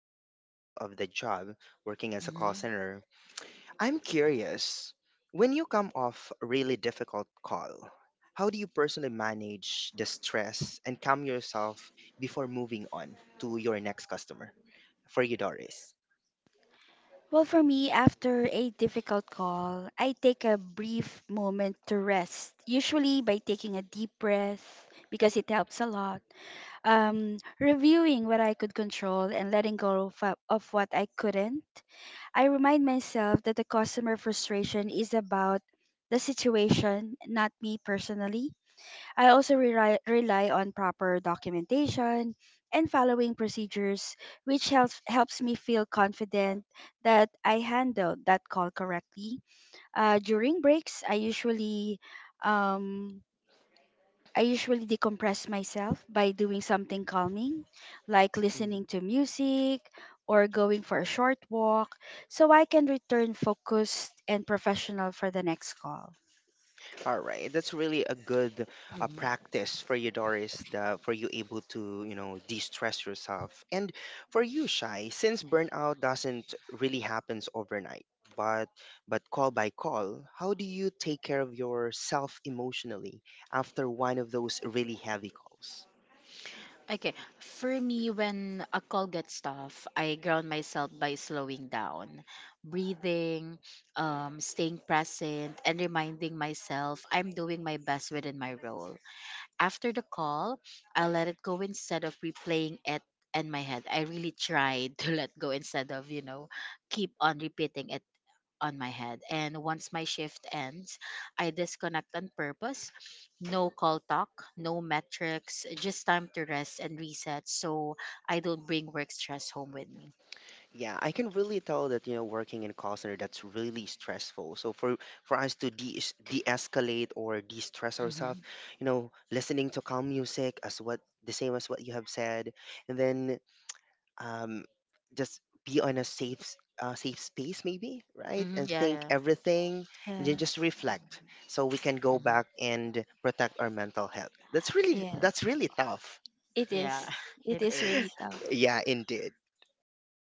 emotional toll of the job working as a call Mhm. center, I'm curious when you come off a really difficult call, how do you personally manage the stress and calm yourself before moving on to your next customer? For you, Doris. Well, for me, after a difficult call, I take a brief moment to rest, usually by taking a deep breath because it helps a lot. Reviewing what I could control and letting go of what I couldn't. I remind myself that the customer frustration is about the situation, not me personally. I also rely on proper documentation and following procedures, which helps me feel confident that I handled that call correctly. During breaks, um, I usually decompress myself by doing something calming, like listening to music or going for a short walk, so I can return focused and professional for the next call. All right, that's really a good Mhm. practice for you, Doris, for you able to, you know, de-stress yourself. And for you, Shy, since burnout doesn't really happens overnight, but but call by call, how do you take care of yourself emotionally after one of those really heavy calls? Okay, for me, when a call gets tough, I ground myself by slowing down, breathing, staying present, and reminding myself I'm doing my best within my role. After the call, I let it go instead of replaying it in my head. I really tried to let go instead of, keep on repeating it on my head. And once my shift ends, I disconnect on purpose. No call talk, no metrics, just time to rest and reset so I don't bring work stress home with me. Yeah, I can really tell that you know working in a call center that's really stressful. So for us to de de-escalate or de-stress ourselves, Mm-hmm. you know, listening to calm music as what the same as what you have said, and then um, just be on a safe space maybe, right? Mm-hmm. And Yeah, think yeah. everything, and then Yes. just reflect so we can go Hmm. back and protect our mental health. That's really Yeah, that's really tough. it Yeah, is. It it is is. really tough. Yeah, indeed. Uh,